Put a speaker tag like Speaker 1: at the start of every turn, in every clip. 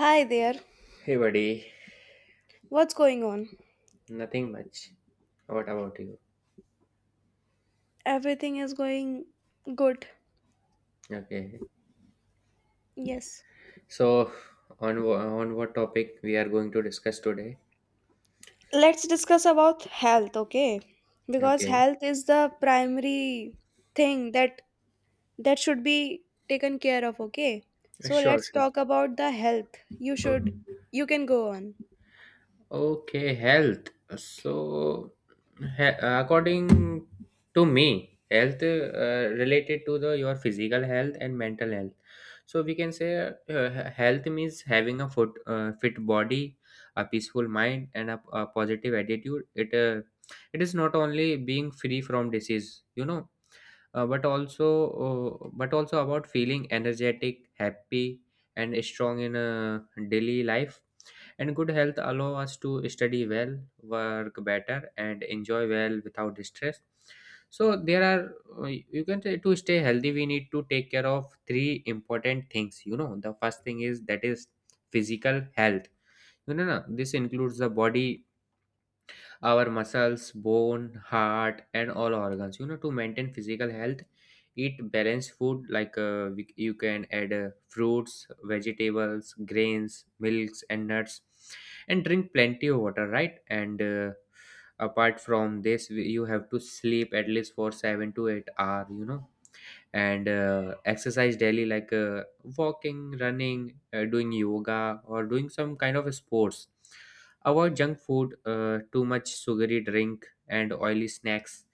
Speaker 1: Hi there.
Speaker 2: Hey buddy,
Speaker 1: What's going on?
Speaker 2: nothing much. What about you?
Speaker 1: Everything is going good.
Speaker 2: Okay.
Speaker 1: Yes.
Speaker 2: So on what topic we are going to discuss today?
Speaker 1: Let's discuss about health, okay? Because
Speaker 2: Okay.
Speaker 1: health is the primary thing that should be taken care of, okay? So
Speaker 2: Sure,
Speaker 1: let's
Speaker 2: sure.
Speaker 1: talk about the health. You should
Speaker 2: Okay.
Speaker 1: you can go on.
Speaker 2: Okay, health. So, according to me, health related to the your physical health and mental health. So we can say health means having a fit body, a peaceful mind, and a positive attitude. It is not only being free from disease, you know, uh, but also but also about feeling energetic, happy, and strong in a daily life, and good health allow us to study well, work better, and enjoy well without stress. So there are uh, you can say, to stay healthy, we need to take care of three important things. You know, the first thing is that is physical health. You know, na, this includes the body, our muscles, bone, heart, and all organs. You know, to maintain physical health, eat balanced food like, you can add fruits, vegetables, grains, milks, and nuts, and drink plenty of water, right? And apart from this, you have to sleep at least for 7 to 8 hours. You know, and exercise daily, like walking, running, doing yoga, or doing some kind of sports. Avoid junk food, too much sugary drink and oily snacks.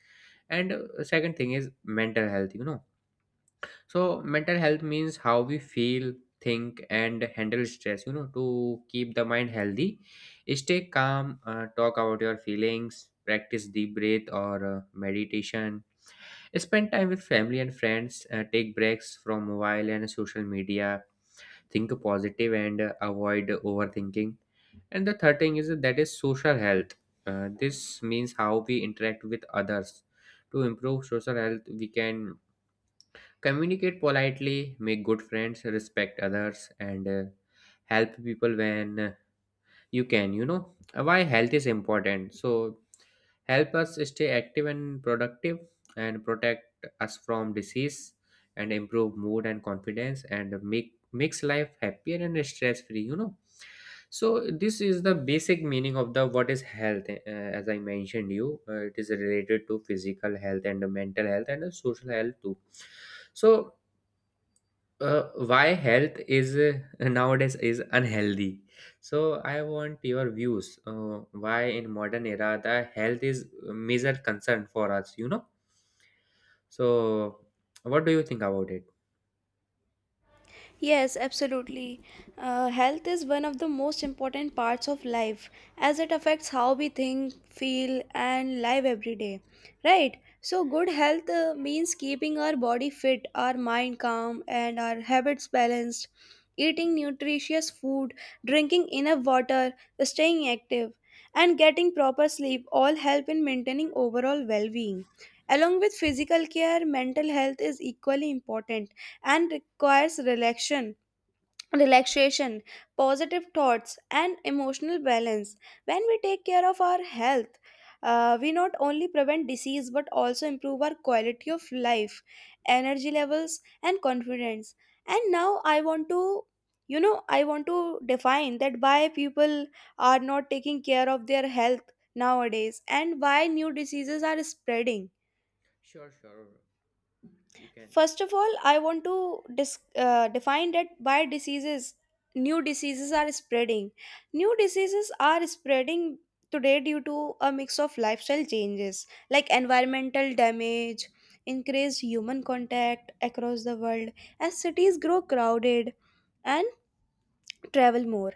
Speaker 2: And second thing is mental health, you know. So mental health means how we feel, think, and handle stress, you know. To keep the mind healthy, stay calm, talk about your feelings, practice deep breath or meditation. Spend time with family and friends, take breaks from mobile and social media, think positive, and avoid overthinking. And the third thing is that is social health. This means how we interact with others. To improve social health, we can communicate politely, make good friends, respect others, and help people when you can. You know, why health is important. So, help us stay active and productive, and protect us from disease, and improve mood and confidence, and makes life happier and stress free, you know. So this is the basic meaning of the what is health, as I mentioned you, it is related to physical health and the mental health and the social health too. So why health is nowadays is unhealthy. So I want your views, why in modern era the health is a major concern for us, you know. So what do you think about it?
Speaker 1: Yes, absolutely. Health is one of the most important parts of life as it affects how we think, feel, and live every day. Right? So, good health means keeping our body fit, our mind calm, and our habits balanced, eating nutritious food, drinking enough water, staying active, and getting proper sleep all help in maintaining overall well being. Along with physical care, mental health is equally important and requires relaxation, positive thoughts, and emotional balance. When we take care of our health, we not only prevent disease but also improve our quality of life, energy levels, and confidence. And now I want to, I want to define that why people are not taking care of their health nowadays and why new diseases are spreading.
Speaker 2: Sure, sure, you can.
Speaker 1: First of all, I want to define that by diseases, new diseases are spreading. New diseases are spreading today due to a mix of lifestyle changes like environmental damage, increased human contact across the world as cities grow crowded and travel more.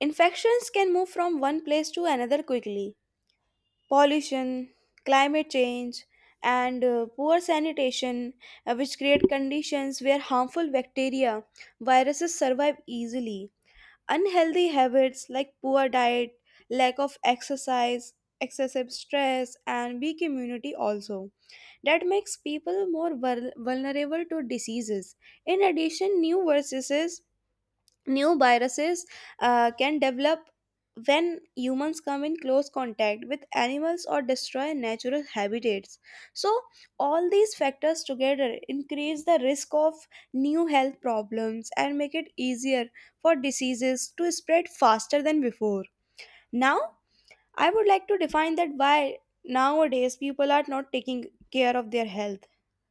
Speaker 1: Infections can move from one place to another quickly. Pollution, climate change, and poor sanitation, which create conditions where harmful bacteria, viruses survive easily. Unhealthy habits like poor diet, lack of exercise, excessive stress, and weak immunity also, that makes people more vulnerable to diseases. In addition, New viruses can develop when humans come in close contact with animals or destroy natural habitats. So, all these factors together increase the risk of new health problems and make it easier for diseases to spread faster than before. Now, I would like to define that why nowadays people are not taking care of their health.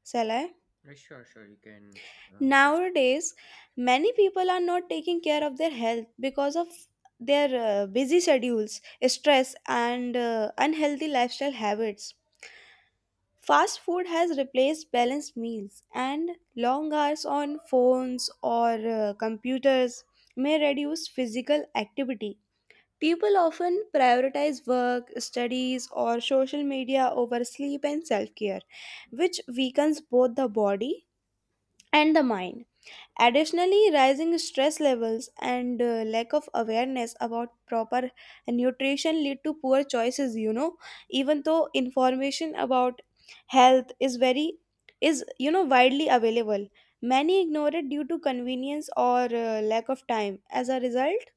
Speaker 1: Shall I?
Speaker 2: Sure, sure, you can proceed.
Speaker 1: Nowadays, many people are not taking care of their health because of their busy schedules, stress, and unhealthy lifestyle habits. Fast food has replaced balanced meals, and long hours on phones or computers may reduce physical activity. People often prioritize work, studies, or social media over sleep and self care, which weakens both the body and the mind. Additionally, rising stress levels and lack of awareness about proper nutrition lead to poor choices, you know, even though information about health is very is you know widely available, many ignore it due to convenience or lack of time. As a result,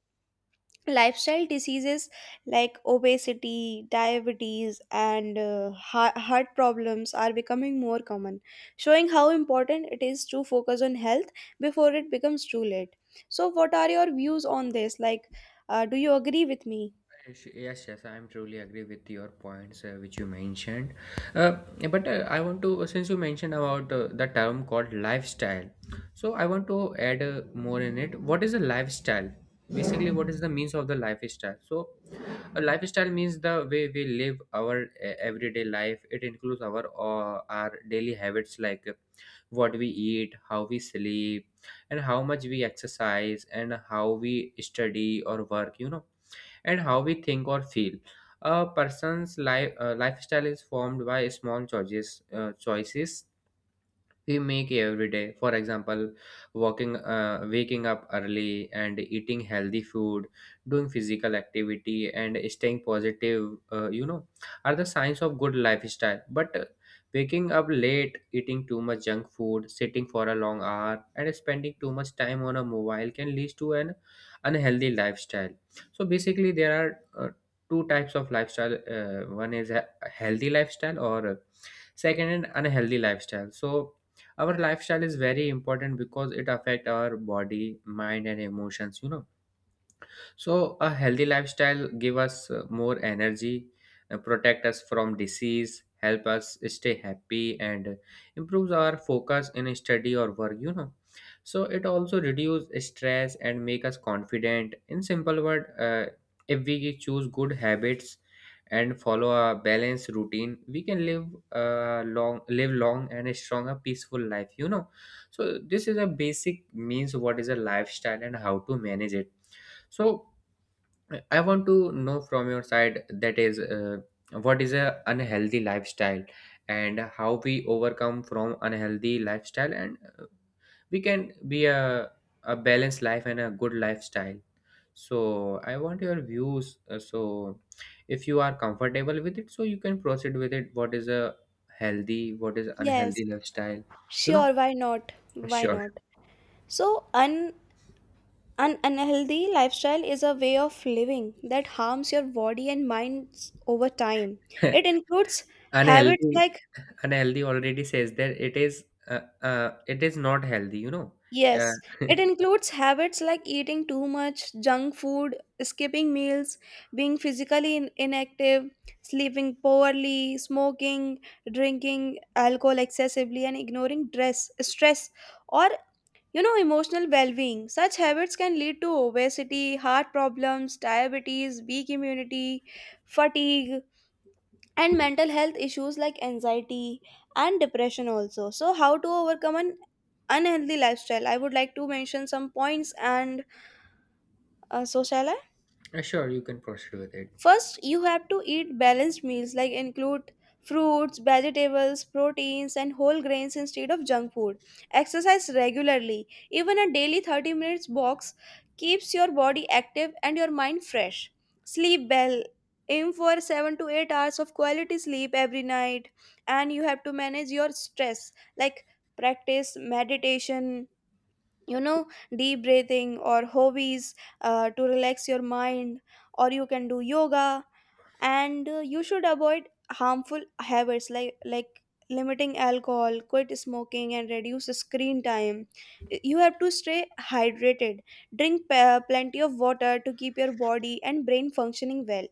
Speaker 1: lifestyle diseases like obesity, diabetes, and heart problems are becoming more common, showing how important it is to focus on health before it becomes too late. So what are your views on this? Like, do you agree with me?
Speaker 2: Yes, yes, yes, I'm truly agree with your points which you mentioned. Uh, but I want to, since you mentioned about the term called lifestyle, so I want to add more in it. What is a lifestyle? Basically, what is the means of the lifestyle? So, a lifestyle means the way we live our everyday life. It includes our daily habits like what we eat, how we sleep, and how much we exercise, and how we study or work. You know, and how we think or feel. A person's lifestyle is formed by small choices we make every day, for example, walking, waking up early and eating healthy food, doing physical activity and staying positive, you know, are the signs of good lifestyle, but waking up late, eating too much junk food, sitting for a long hour, and spending too much time on a mobile can lead to an unhealthy lifestyle. So basically there are two types of lifestyle, one is a healthy lifestyle, or second, an unhealthy lifestyle. So our lifestyle is very important because it affect our body, mind, and emotions, you know. So a healthy lifestyle give us more energy, protect us from disease, help us stay happy, and improves our focus in study or work. You know, so it also reduce stress and make us confident. In simple word, if we choose good habits and follow a balanced routine, we can live long and a stronger, peaceful life. You know, so this is a basic means what is a lifestyle and how to manage it. So I want to know from your side that is what is a unhealthy lifestyle, and how we overcome from unhealthy lifestyle, and we can be a balanced life and a good lifestyle. So I want your views. So if you are comfortable with it, so you can proceed with it. What is a healthy? What is
Speaker 1: Yes,
Speaker 2: unhealthy lifestyle? You know,
Speaker 1: sure. why not why
Speaker 2: sure.
Speaker 1: not So un an unhealthy lifestyle is a way of living that harms your body and minds over time. It includes habits like,
Speaker 2: Unhealthy. Unhealthy already says that it is, it is not healthy, you know. uh,
Speaker 1: yes, it includes habits like eating too much junk food, skipping meals, being physically inactive, sleeping poorly, smoking, drinking alcohol excessively, and ignoring stress or, you know, emotional well-being. Such habits can lead to obesity, heart problems, diabetes, weak immunity, fatigue, and mental health issues like anxiety and depression also. So how to overcome an unhealthy lifestyle? I would like to mention some points, and so shall I?
Speaker 2: sure, you can proceed with it.
Speaker 1: First, you have to eat balanced meals, like include fruits, vegetables, proteins, and whole grains instead of junk food. Exercise regularly. Even a daily 30 minutes walks keeps your body active and your mind fresh. Sleep well. Aim for 7 to 8 hours of quality sleep every night. And you have to manage your stress, like practice meditation, you know, deep breathing or hobbies to relax your mind. Or you can do yoga. And you should avoid harmful habits like limiting alcohol, quit smoking, and reduce screen time. You have to stay hydrated. Plenty of water to keep your body and brain functioning well.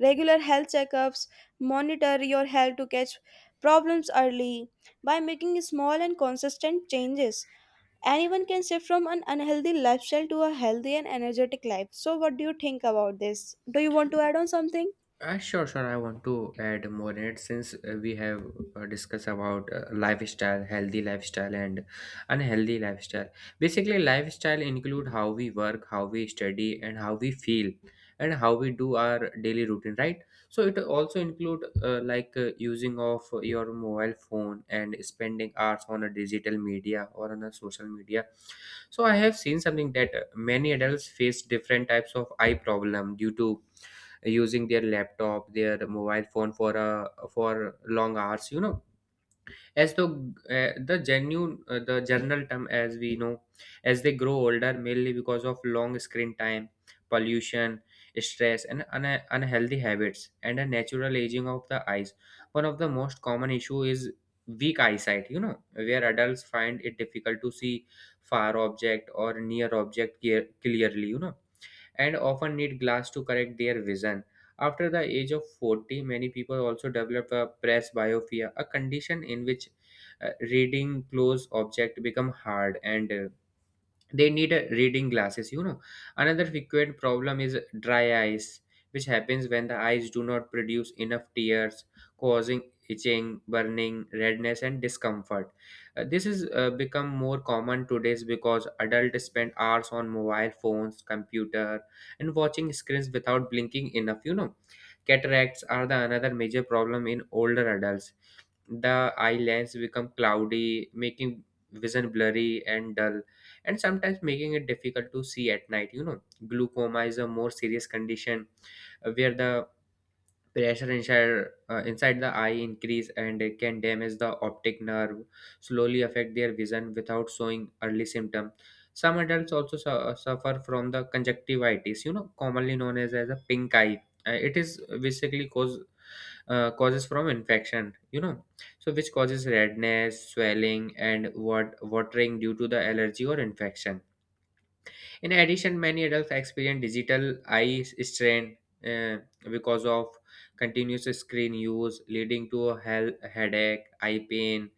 Speaker 1: Regular health checkups, monitor your health to catch problems early. By making small and consistent changes, anyone can shift from an unhealthy lifestyle to a healthy and energetic life. So what do you think about this? Do you want to add on something?
Speaker 2: Sure, sure. I want to add more in it since we have discussed about lifestyle, healthy lifestyle, and unhealthy lifestyle. Basically, lifestyle include how we work, how we study, and how we feel, and how we do our daily routine. Right. So it also include like using of your mobile phone and spending hours on a digital media or on a social media. So I have seen something that many adults face different types of eye problem due to using their laptop, their mobile phone for long hours, you know, as the genuine the general term as we know, as they grow older, mainly because of long screen time, pollution, stress, and unhealthy habits, and a natural aging of the eyes. One of the most common issue is weak eyesight, you know, where adults find it difficult to see far object or near clearly, you know, and often need glass to correct their vision. After the age of 40, many people also develop a presbyopia, a condition in which reading close object become hard, and they need reading glasses, you know. Another frequent problem is dry eyes, which happens when the eyes do not produce enough tears, causing itching, burning, redness, and discomfort. This is become more common today's because adults spend hours on mobile phones, computer, and watching screens without blinking enough, you know. Cataracts are the another major problem in older adults. The eye lens become cloudy, making vision blurry and dull, and sometimes making it difficult to see at night, you know. Glaucoma is a more serious condition, where the pressure inside the eye increase, and it can damage the optic nerve, slowly affect their vision without showing early symptom. Some adults also suffer from the conjunctivitis, you know, commonly known as a pink eye. It is basically causes from infection, you know, so which causes redness, swelling, and watering due to the allergy or infection. In addition, many adults experience digital eye strain, uh, because of continuous screen use, leading to a health headache, eye pain,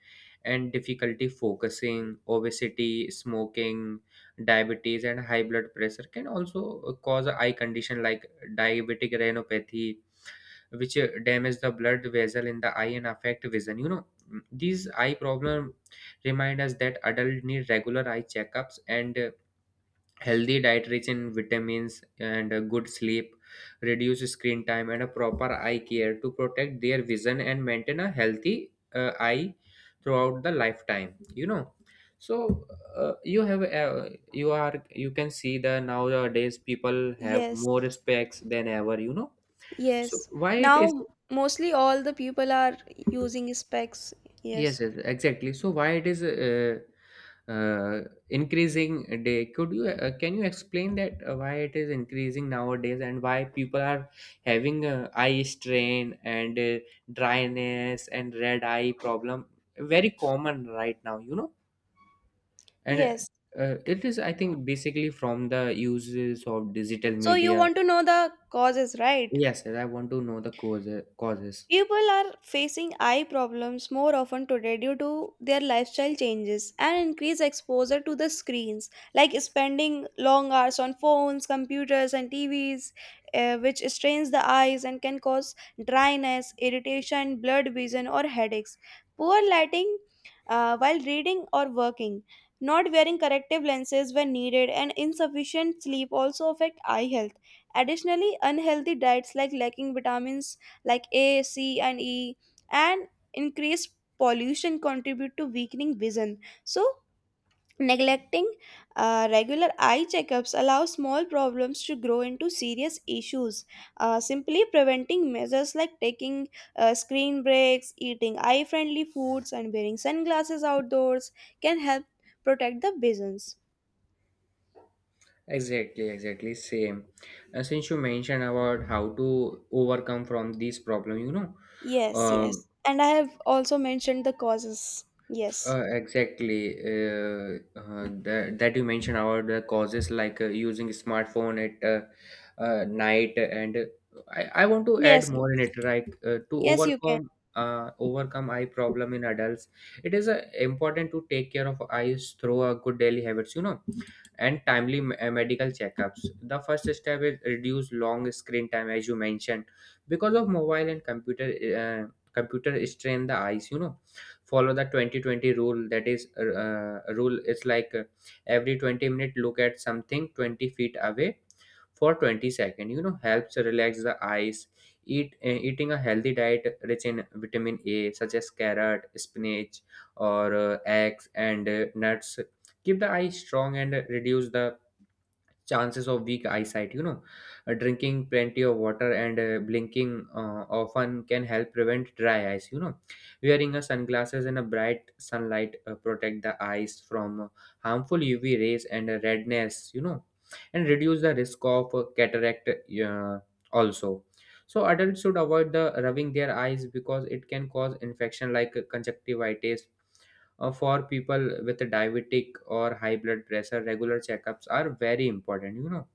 Speaker 2: and difficulty focusing. Obesity, smoking, diabetes, and high blood pressure can also cause eye condition like diabetic retinopathy, which damage the blood vessel in the eye and affect vision, you know. These eye problem remind us that adults need regular eye checkups, and healthy diet rich in vitamins and a good sleep, reduce screen time and a proper eye care to protect their vision and maintain a healthy eye throughout the lifetime, you know. So you have you are you can see the nowadays people have
Speaker 1: Yes,
Speaker 2: more specs than ever, you know. So
Speaker 1: yes.
Speaker 2: why it is...
Speaker 1: Now mostly all the people are using specs.
Speaker 2: Yes,
Speaker 1: Yes.
Speaker 2: yes, exactly. So why it is, uh, increasing day? Could you can you explain that why it is increasing nowadays, and why people are having eye strain and dryness and red eye problem very common right now, you know? And
Speaker 1: Yes.
Speaker 2: it is, I think, basically from the uses of digital
Speaker 1: So you
Speaker 2: media.
Speaker 1: want to know the causes, right?
Speaker 2: Yes, yes, I want to know the causes.
Speaker 1: People are facing eye problems more often today due to their lifestyle changes and increased exposure to the screens, like spending long hours on phones, computers, and TVs, which strains the eyes and can cause dryness, irritation, blurred vision, or headaches. Poor lighting while reading or working, not wearing corrective lenses when needed, and insufficient sleep also affect eye health. Additionally, unhealthy diets like lacking vitamins like A, C, and E, and increased pollution contribute to weakening vision. So, neglecting regular eye checkups allows small problems to grow into serious issues. Simply preventing measures like taking screen breaks, eating eye friendly foods, and wearing sunglasses outdoors can help protect the visions.
Speaker 2: Exactly, exactly same. Since you mentioned about how to overcome from this problem, you know,
Speaker 1: Yes,
Speaker 2: uh,
Speaker 1: yes. And I have also mentioned the causes. Yes.
Speaker 2: exactly that you mentioned about the causes like using smartphone at night, and I want to
Speaker 1: Yes,
Speaker 2: add
Speaker 1: yes.
Speaker 2: more in it. Like to
Speaker 1: Yes, you can.
Speaker 2: overcome eye problem in adults, it is important to take care of eyes through a good daily habits. You know, and medical checkups. The first step is reduce long screen time, as you mentioned, because of mobile and computer. Uh, Computer strain the eyes, you know, follow the 2020 rule, that is rule, it's like every 20 minute, look at something 20 feet away for 20 second, you know, helps relax the eyes. Eating a healthy diet rich in vitamin A such as carrot, spinach, or eggs, and nuts keep the eye strong and reduce the chances of weak eyesight. Drinking plenty of water and blinking often can help prevent dry eyes. Wearing a sunglasses in a bright sunlight protect the eyes from harmful UV rays and redness. And reduce the risk of cataract also. So adults should avoid the rubbing their eyes because it can cause infection like conjunctivitis. For people with diabetic or high blood pressure, regular checkups are very important,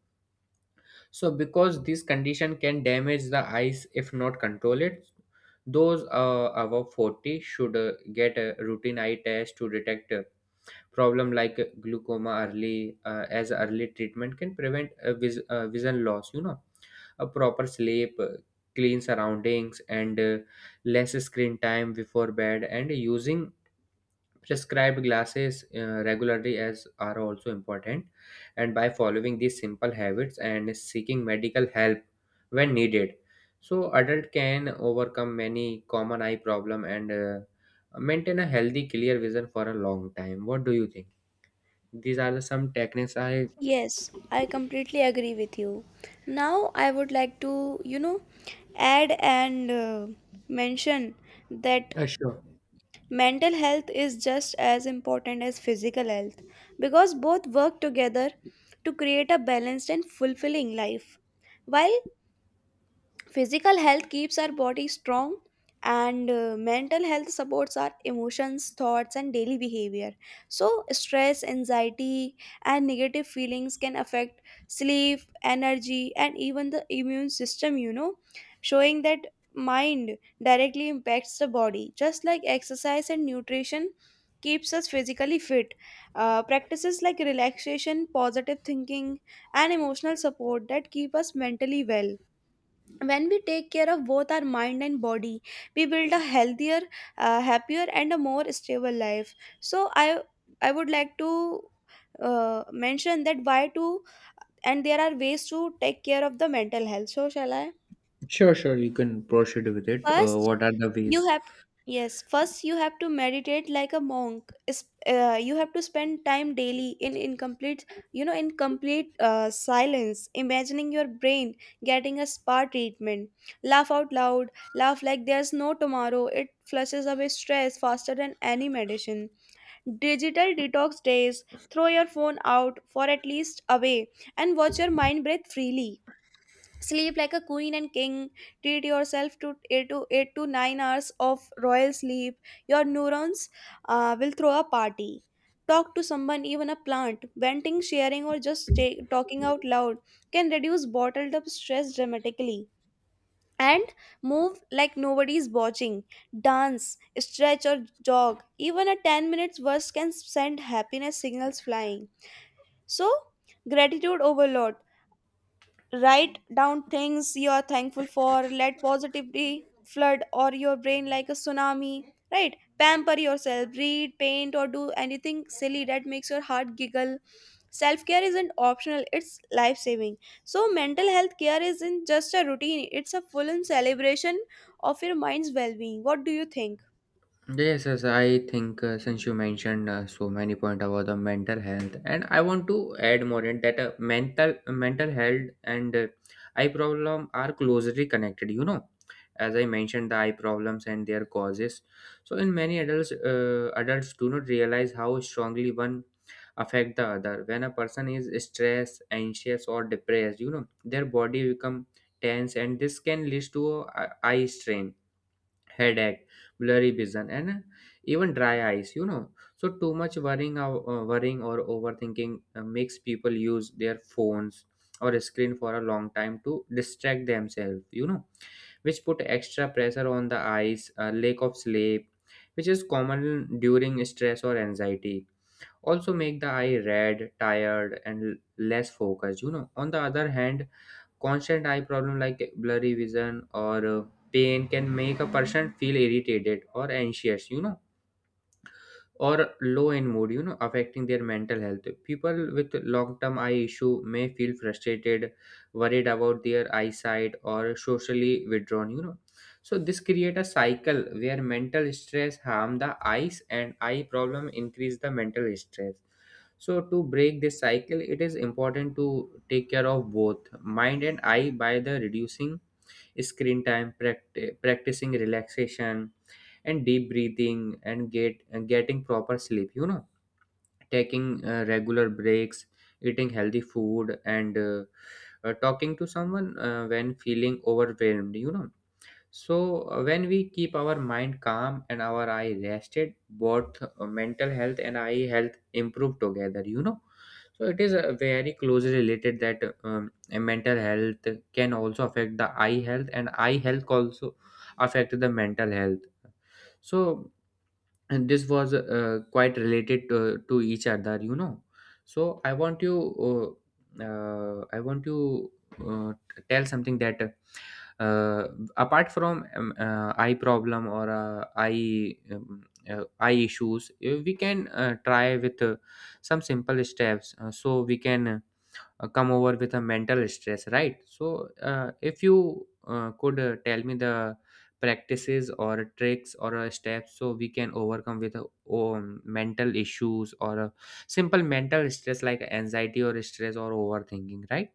Speaker 2: So, because this condition can damage the eyes if not control it, those above 40 should get a routine eye test to detect a problem like glaucoma early, as early treatment can prevent vision loss, you know. A proper sleep, clean surroundings, and less screen time before bed, and using prescribed glasses regularly as are also important. And by following these simple habits and seeking medical help when needed, so adult can overcome many common eye problem and maintain a healthy clear vision for a long time. What do you think? These are the some techniques I.
Speaker 1: Yes, I completely agree with you. Now, I would like to, you know, add and mention that
Speaker 2: Sure,
Speaker 1: mental health is just as important as physical health because both work together to create a balanced and fulfilling life. While physical health keeps our body strong, and mental health supports our emotions, thoughts, and daily behavior. So stress, anxiety, and negative feelings can affect sleep, energy, and even the immune system, you know, showing that mind directly impacts the body. Just like exercise and nutrition keeps us physically fit, practices like relaxation, positive thinking, and emotional support that keep us mentally well. When we take care of both our mind and body, we build a healthier, happier, and a more stable life. So I would like to mention that why to, and there are ways to take care of the mental health. So shall I?
Speaker 2: sure. Put,
Speaker 1: first
Speaker 2: what
Speaker 1: you
Speaker 2: is.
Speaker 1: have, yes, first you have to meditate like a monk. You have to spend time daily in in complete silence, imagining your brain getting a spa treatment. Laugh out loud, laugh like there's no tomorrow. It flushes away stress faster than any medicine. Digital detox days, throw your phone out for at least a way and watch your mind breathe freely. Sleep like a queen and king, treat yourself to 8 to 9 hours of royal sleep. Your neurons will throw a party. Talk to someone, even a plant. Venting, sharing, or just talking out loud can reduce bottled up stress dramatically. And move like nobody's watching. Dance, stretch, or jog. Even a 10 minutes burst can send happiness signals flying. So, gratitude overload. Write down things you are thankful for, let positivity flood or your brain like a tsunami. Right? Pamper yourself, read, paint, or do anything silly that makes your heart giggle. Self care isn't optional, it's life saving. So, mental health care isn't just a routine, it's a full on celebration of your mind's well being. What do you think?
Speaker 2: Yes, yes, I think since you mentioned so many point about the mental health, and I want to add more in that mental health and eye problem are closely connected. You know, as I mentioned, the eye problems and their causes. So, in many adults, adults do not realize how strongly one affect the other. When a person is stressed, anxious, or depressed, you know, their body become tense, and this can lead to eye strain, headache, blurry vision, and even dry eyes. You know, so too much worrying or overthinking makes people use their phones or a screen for a long time to distract themselves. You know, which put extra pressure on the eyes, lack of sleep, which is common during stress or anxiety, also make the eye red, tired, and less focused. You know, on the other hand, constant eye problem like blurry vision or pain can make a person feel irritated or anxious. You know, or low in mood, you know, affecting their mental health. People with long term eye issue may feel frustrated, worried about their eyesight, or socially withdrawn, you know. So this create a cycle where mental stress harm the eyes and eye problem increase the mental stress. So to break this cycle, it is important to take care of both mind and eye by the reducing screen time, practicing relaxation and deep breathing, and getting proper sleep, you know, taking regular breaks, eating healthy food, and talking to someone when feeling overwhelmed, you know. So when we keep our mind calm and our eye rested, both mental health and eye health improve together, you know. So it is very closely related that mental health can also affect the eye health and eye health also affect the mental health. So, and this was quite related to each other, you know. So I want you, I want you tell something that uh, apart from eye problem or eye eye issues, we can try with some simple steps, so we can come over with a mental stress, right? So if you could tell me the practices or tricks or steps so we can overcome with mental issues or a simple mental stress like anxiety or stress or overthinking, right?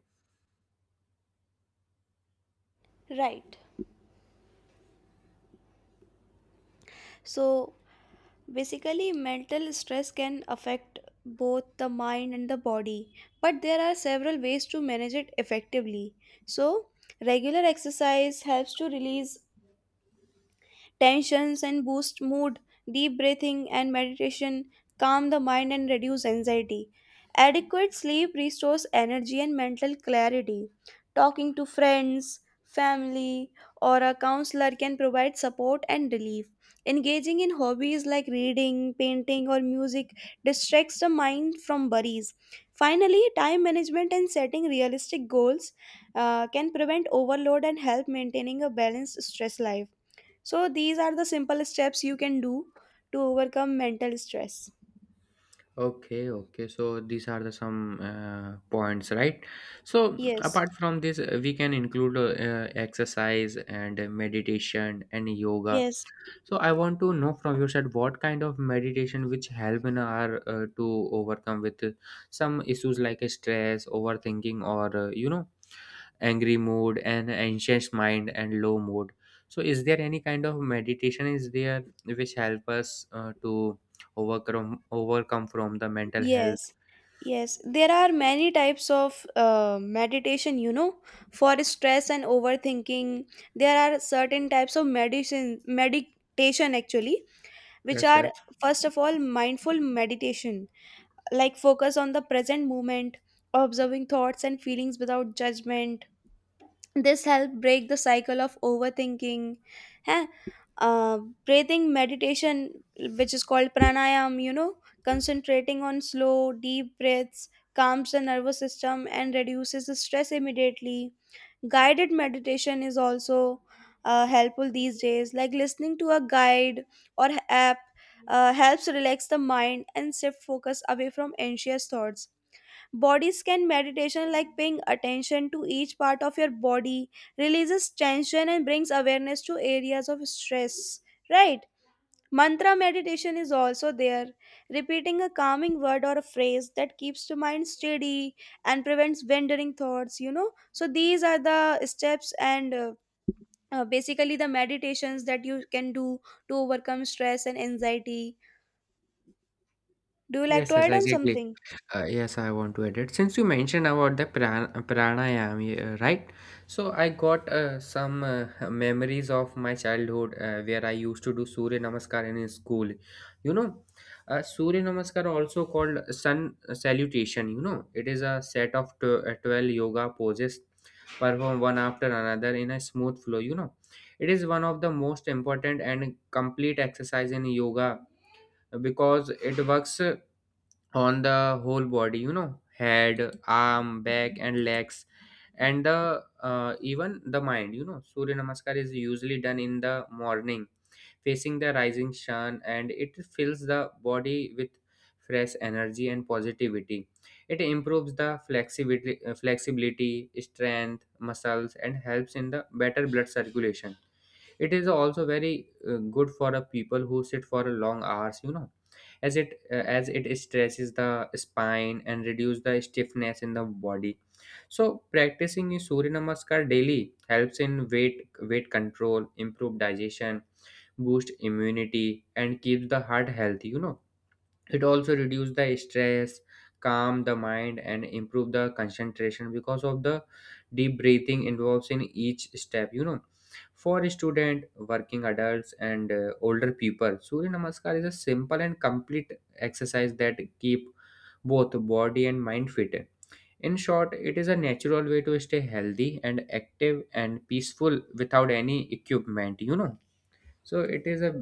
Speaker 1: Right. So, basically, mental stress can affect both the mind and the body, but there are several ways to manage it effectively. So, regular exercise helps to release tensions and boost mood. Deep breathing and meditation calm the mind and reduce anxiety. Adequate sleep restores energy and mental clarity. Talking to friends, family, or a counselor can provide support and relief. Engaging in hobbies like reading, painting, or music distracts the mind from worries. Finally, time management and setting realistic goals can prevent overload and help maintaining a balanced stress life. So these are the simple steps you can do to overcome mental stress.
Speaker 2: Okay, okay, so these are the some points, right? So
Speaker 1: Yes,
Speaker 2: apart from this, we can include exercise and meditation and yoga.
Speaker 1: yes,
Speaker 2: So I want to know from your side what kind of meditation which help in our to overcome with some issues like stress, overthinking, or you know, angry mood and anxious mind and low mood. So is there any kind of meditation is there which help us to overcome from the mental health?
Speaker 1: yes, yes. There are many types of meditation, you know, for stress and overthinking. There are certain types of medicine, meditation actually, which
Speaker 2: Yes,
Speaker 1: are
Speaker 2: yes,
Speaker 1: first of all mindful meditation, like focus on the present moment, observing thoughts and feelings without judgment. This help break the cycle of overthinking. Huh? uh, Breathing meditation, which is called pranayam, you know, concentrating on slow deep breaths, calms the nervous system and reduces the stress immediately. Guided meditation is also helpful these days, like listening to a guide or app helps relax the mind and shift focus away from anxious thoughts. Body scan meditation, like paying attention to each part of your body, releases tension and brings awareness to areas of stress. Right? Mantra meditation is also there, repeating a calming word or a phrase that keeps the mind steady and prevents wandering thoughts, you know. So, these are the steps and, basically, the meditations that you can do to overcome stress and anxiety. Do you like to
Speaker 2: yes, yes,
Speaker 1: add on
Speaker 2: exactly.
Speaker 1: something?
Speaker 2: Yes, I want to edit. Since you mentioned about the pranayam, yeah, right? So I got some memories of my childhood where I used to do Surya Namaskar in school. You know, Surya Namaskar also called sun salutation. You know, it is a set of 12 yoga poses performed one after another in a smooth flow. You know, it is one of the most important and complete exercise in yoga because it works. On the whole body, you know, head, arm, back, and legs, and the even the mind, you know. Surya Namaskar is usually done in the morning facing the rising sun, and it fills the body with fresh energy and positivity. It improves the flexibility, strength, muscles, and helps in the better blood circulation. It is also very good for a people who sit for a long hours, you know, as it stretches the spine and reduce the stiffness in the body. So practicing Surya Namaskar daily helps in weight control, improve digestion, boost immunity, and keeps the heart healthy. You know, it also reduce the stress, calm the mind, and improve the concentration because of the deep breathing involves in each step, you know. For student, working adults, and older people, surya namaskar is a simple and complete exercise that keep both body and mind fit. In short, it is a natural way to stay healthy and active and peaceful without any equipment, you know. So it is a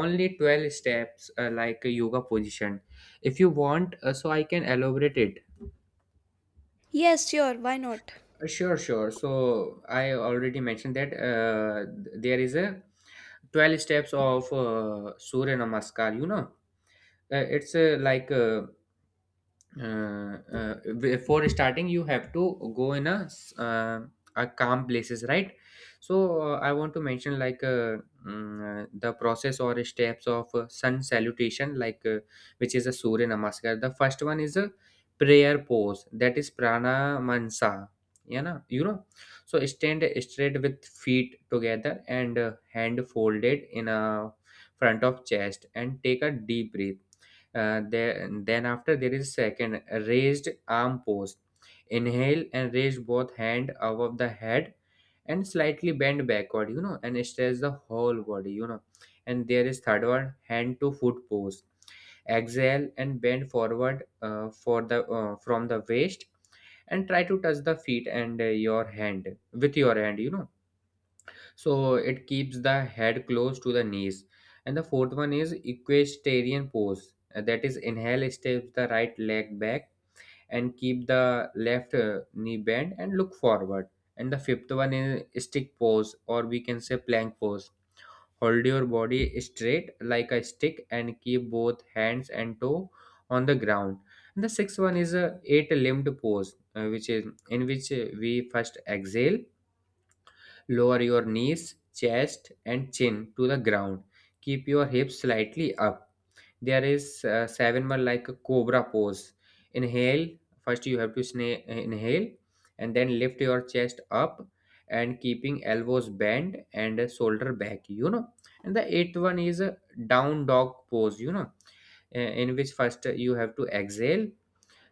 Speaker 2: only 12 steps like a yoga position. If you want, so I can elaborate it.
Speaker 1: Yes, sure. Why not?
Speaker 2: Sure, sure. So I already mentioned that there is a 12 steps of Surya Namaskar, you know. It's before starting you have to go in a a calm places, right? So I want to mention like the process or steps of sun salutation, like which is a surya namaskar. The first one is a prayer pose, that is pranamansa, yeah na, you know. So stand straight with feet together and hand folded in a front of chest and take a deep breath. Then after there is second raised arm pose. Inhale and raise both hand above the head and slightly bend backward, you know, and stretch the whole body, you know. And there is third one hand to foot pose. Exhale and bend forward for the from the waist and try to touch the feet and your hand with your hand, you know, so it keeps the head close to the knees. And the fourth one is equestrian pose. That is inhale, steps the right leg back and keep the left knee bent and look forward. And the fifth one is stick pose, or we can say plank pose. Hold your body straight like a stick and keep both hands and toe on the ground. And the sixth one is a eight limbed pose, which is, in which we first exhale, lower your knees, chest, and chin to the ground. Keep your hips slightly up. There is seven one like a cobra pose. Inhale. First, you have to inhale and then lift your chest up and keeping elbows bent and shoulder back. You know, and the eighth one is a down dog pose. You know, in which first you have to exhale,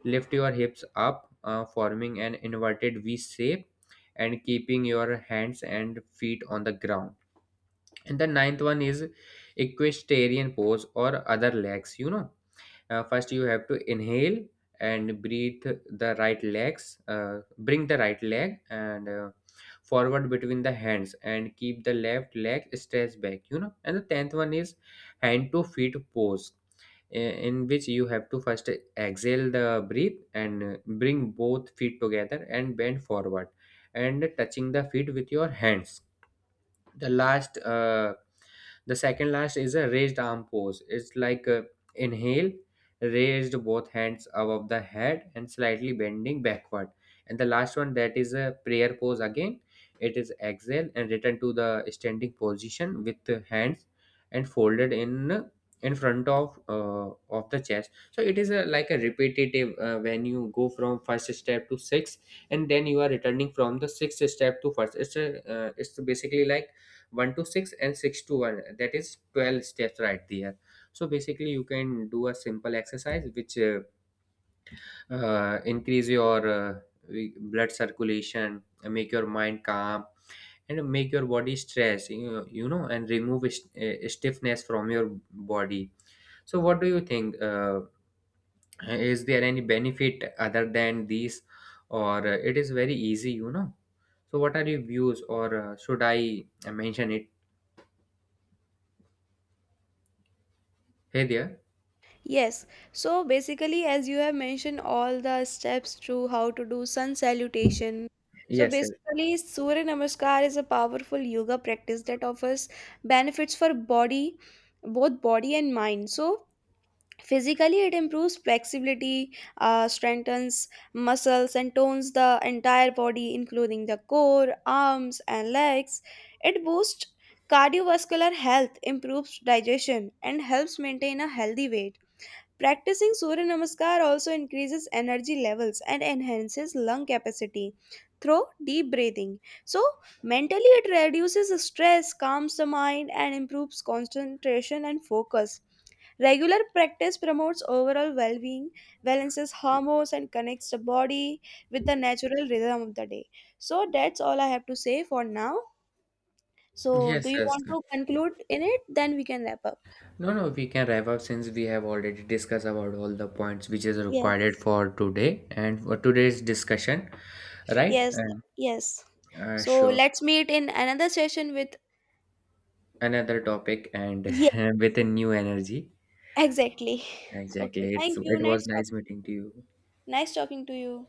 Speaker 2: lift your hips up, forming an inverted V shape and keeping your hands and feet on the ground. And the ninth one is equestrian pose or other legs. You know, first you have to inhale and breathe the right legs, uh, bring the right leg and forward between the hands and keep the left leg stretched back. You know, and the tenth one is hand to feet pose, eh, in which you have to first exhale the breath and bring both feet together and bend forward and touching the feet with your hands. The last the second last is a raised arm pose, it's like inhale, raised both hands above the head and slightly bending backward. And the last one, that is a prayer pose again, it is exhale and return to the standing position with the hands and folded in front of the chest. So it is a, like a repetitive, when you go from first step to six, and then you are returning from the sixth step to first, it's a, it's basically like 1 to 6 and 6 to 1, that is 12 steps, right there. So basically you can do a simple exercise which increase your blood circulation, make your mind calm, and make your body stress, you know, and remove stiffness from your body. So what do you think, is there any benefit other than these, or it is very easy, you know. So what are your views, or should I mention it? Hey there.
Speaker 1: Yes, so basically, as you have mentioned, all the steps to how to do sun salutation. So
Speaker 2: Yes.
Speaker 1: basically, Surya Namaskar is a powerful yoga practice that offers benefits for both body and mind. So physically, it improves flexibility, strengthens muscles, and tones the entire body, including the core, arms, and legs. It boosts cardiovascular health, improves digestion, and helps maintain a healthy weight. Practicing Surya Namaskar also increases energy levels and enhances lung capacity through deep breathing. So, mentally, it reduces stress, calms the mind, and improves concentration and focus. Regular practice promotes overall well being, balances hormones, and connects the body with the natural rhythm of the day. So, that's all I have to say for now. So, do
Speaker 2: Yes,
Speaker 1: you
Speaker 2: yes.
Speaker 1: want to conclude in it? Then we can wrap up.
Speaker 2: No, no, we can wrap up since we have already discussed about all the points which is
Speaker 1: Yes.
Speaker 2: required for today and for today's discussion, right?
Speaker 1: Yes,
Speaker 2: And
Speaker 1: yes. So
Speaker 2: sure,
Speaker 1: let's meet in another session with.
Speaker 2: another topic and
Speaker 1: Yeah,
Speaker 2: with a new energy.
Speaker 1: exactly. Okay,
Speaker 2: Exactly. It's
Speaker 1: thank you.
Speaker 2: it was
Speaker 1: Nice talk.
Speaker 2: nice meeting to you.
Speaker 1: Nice talking to you.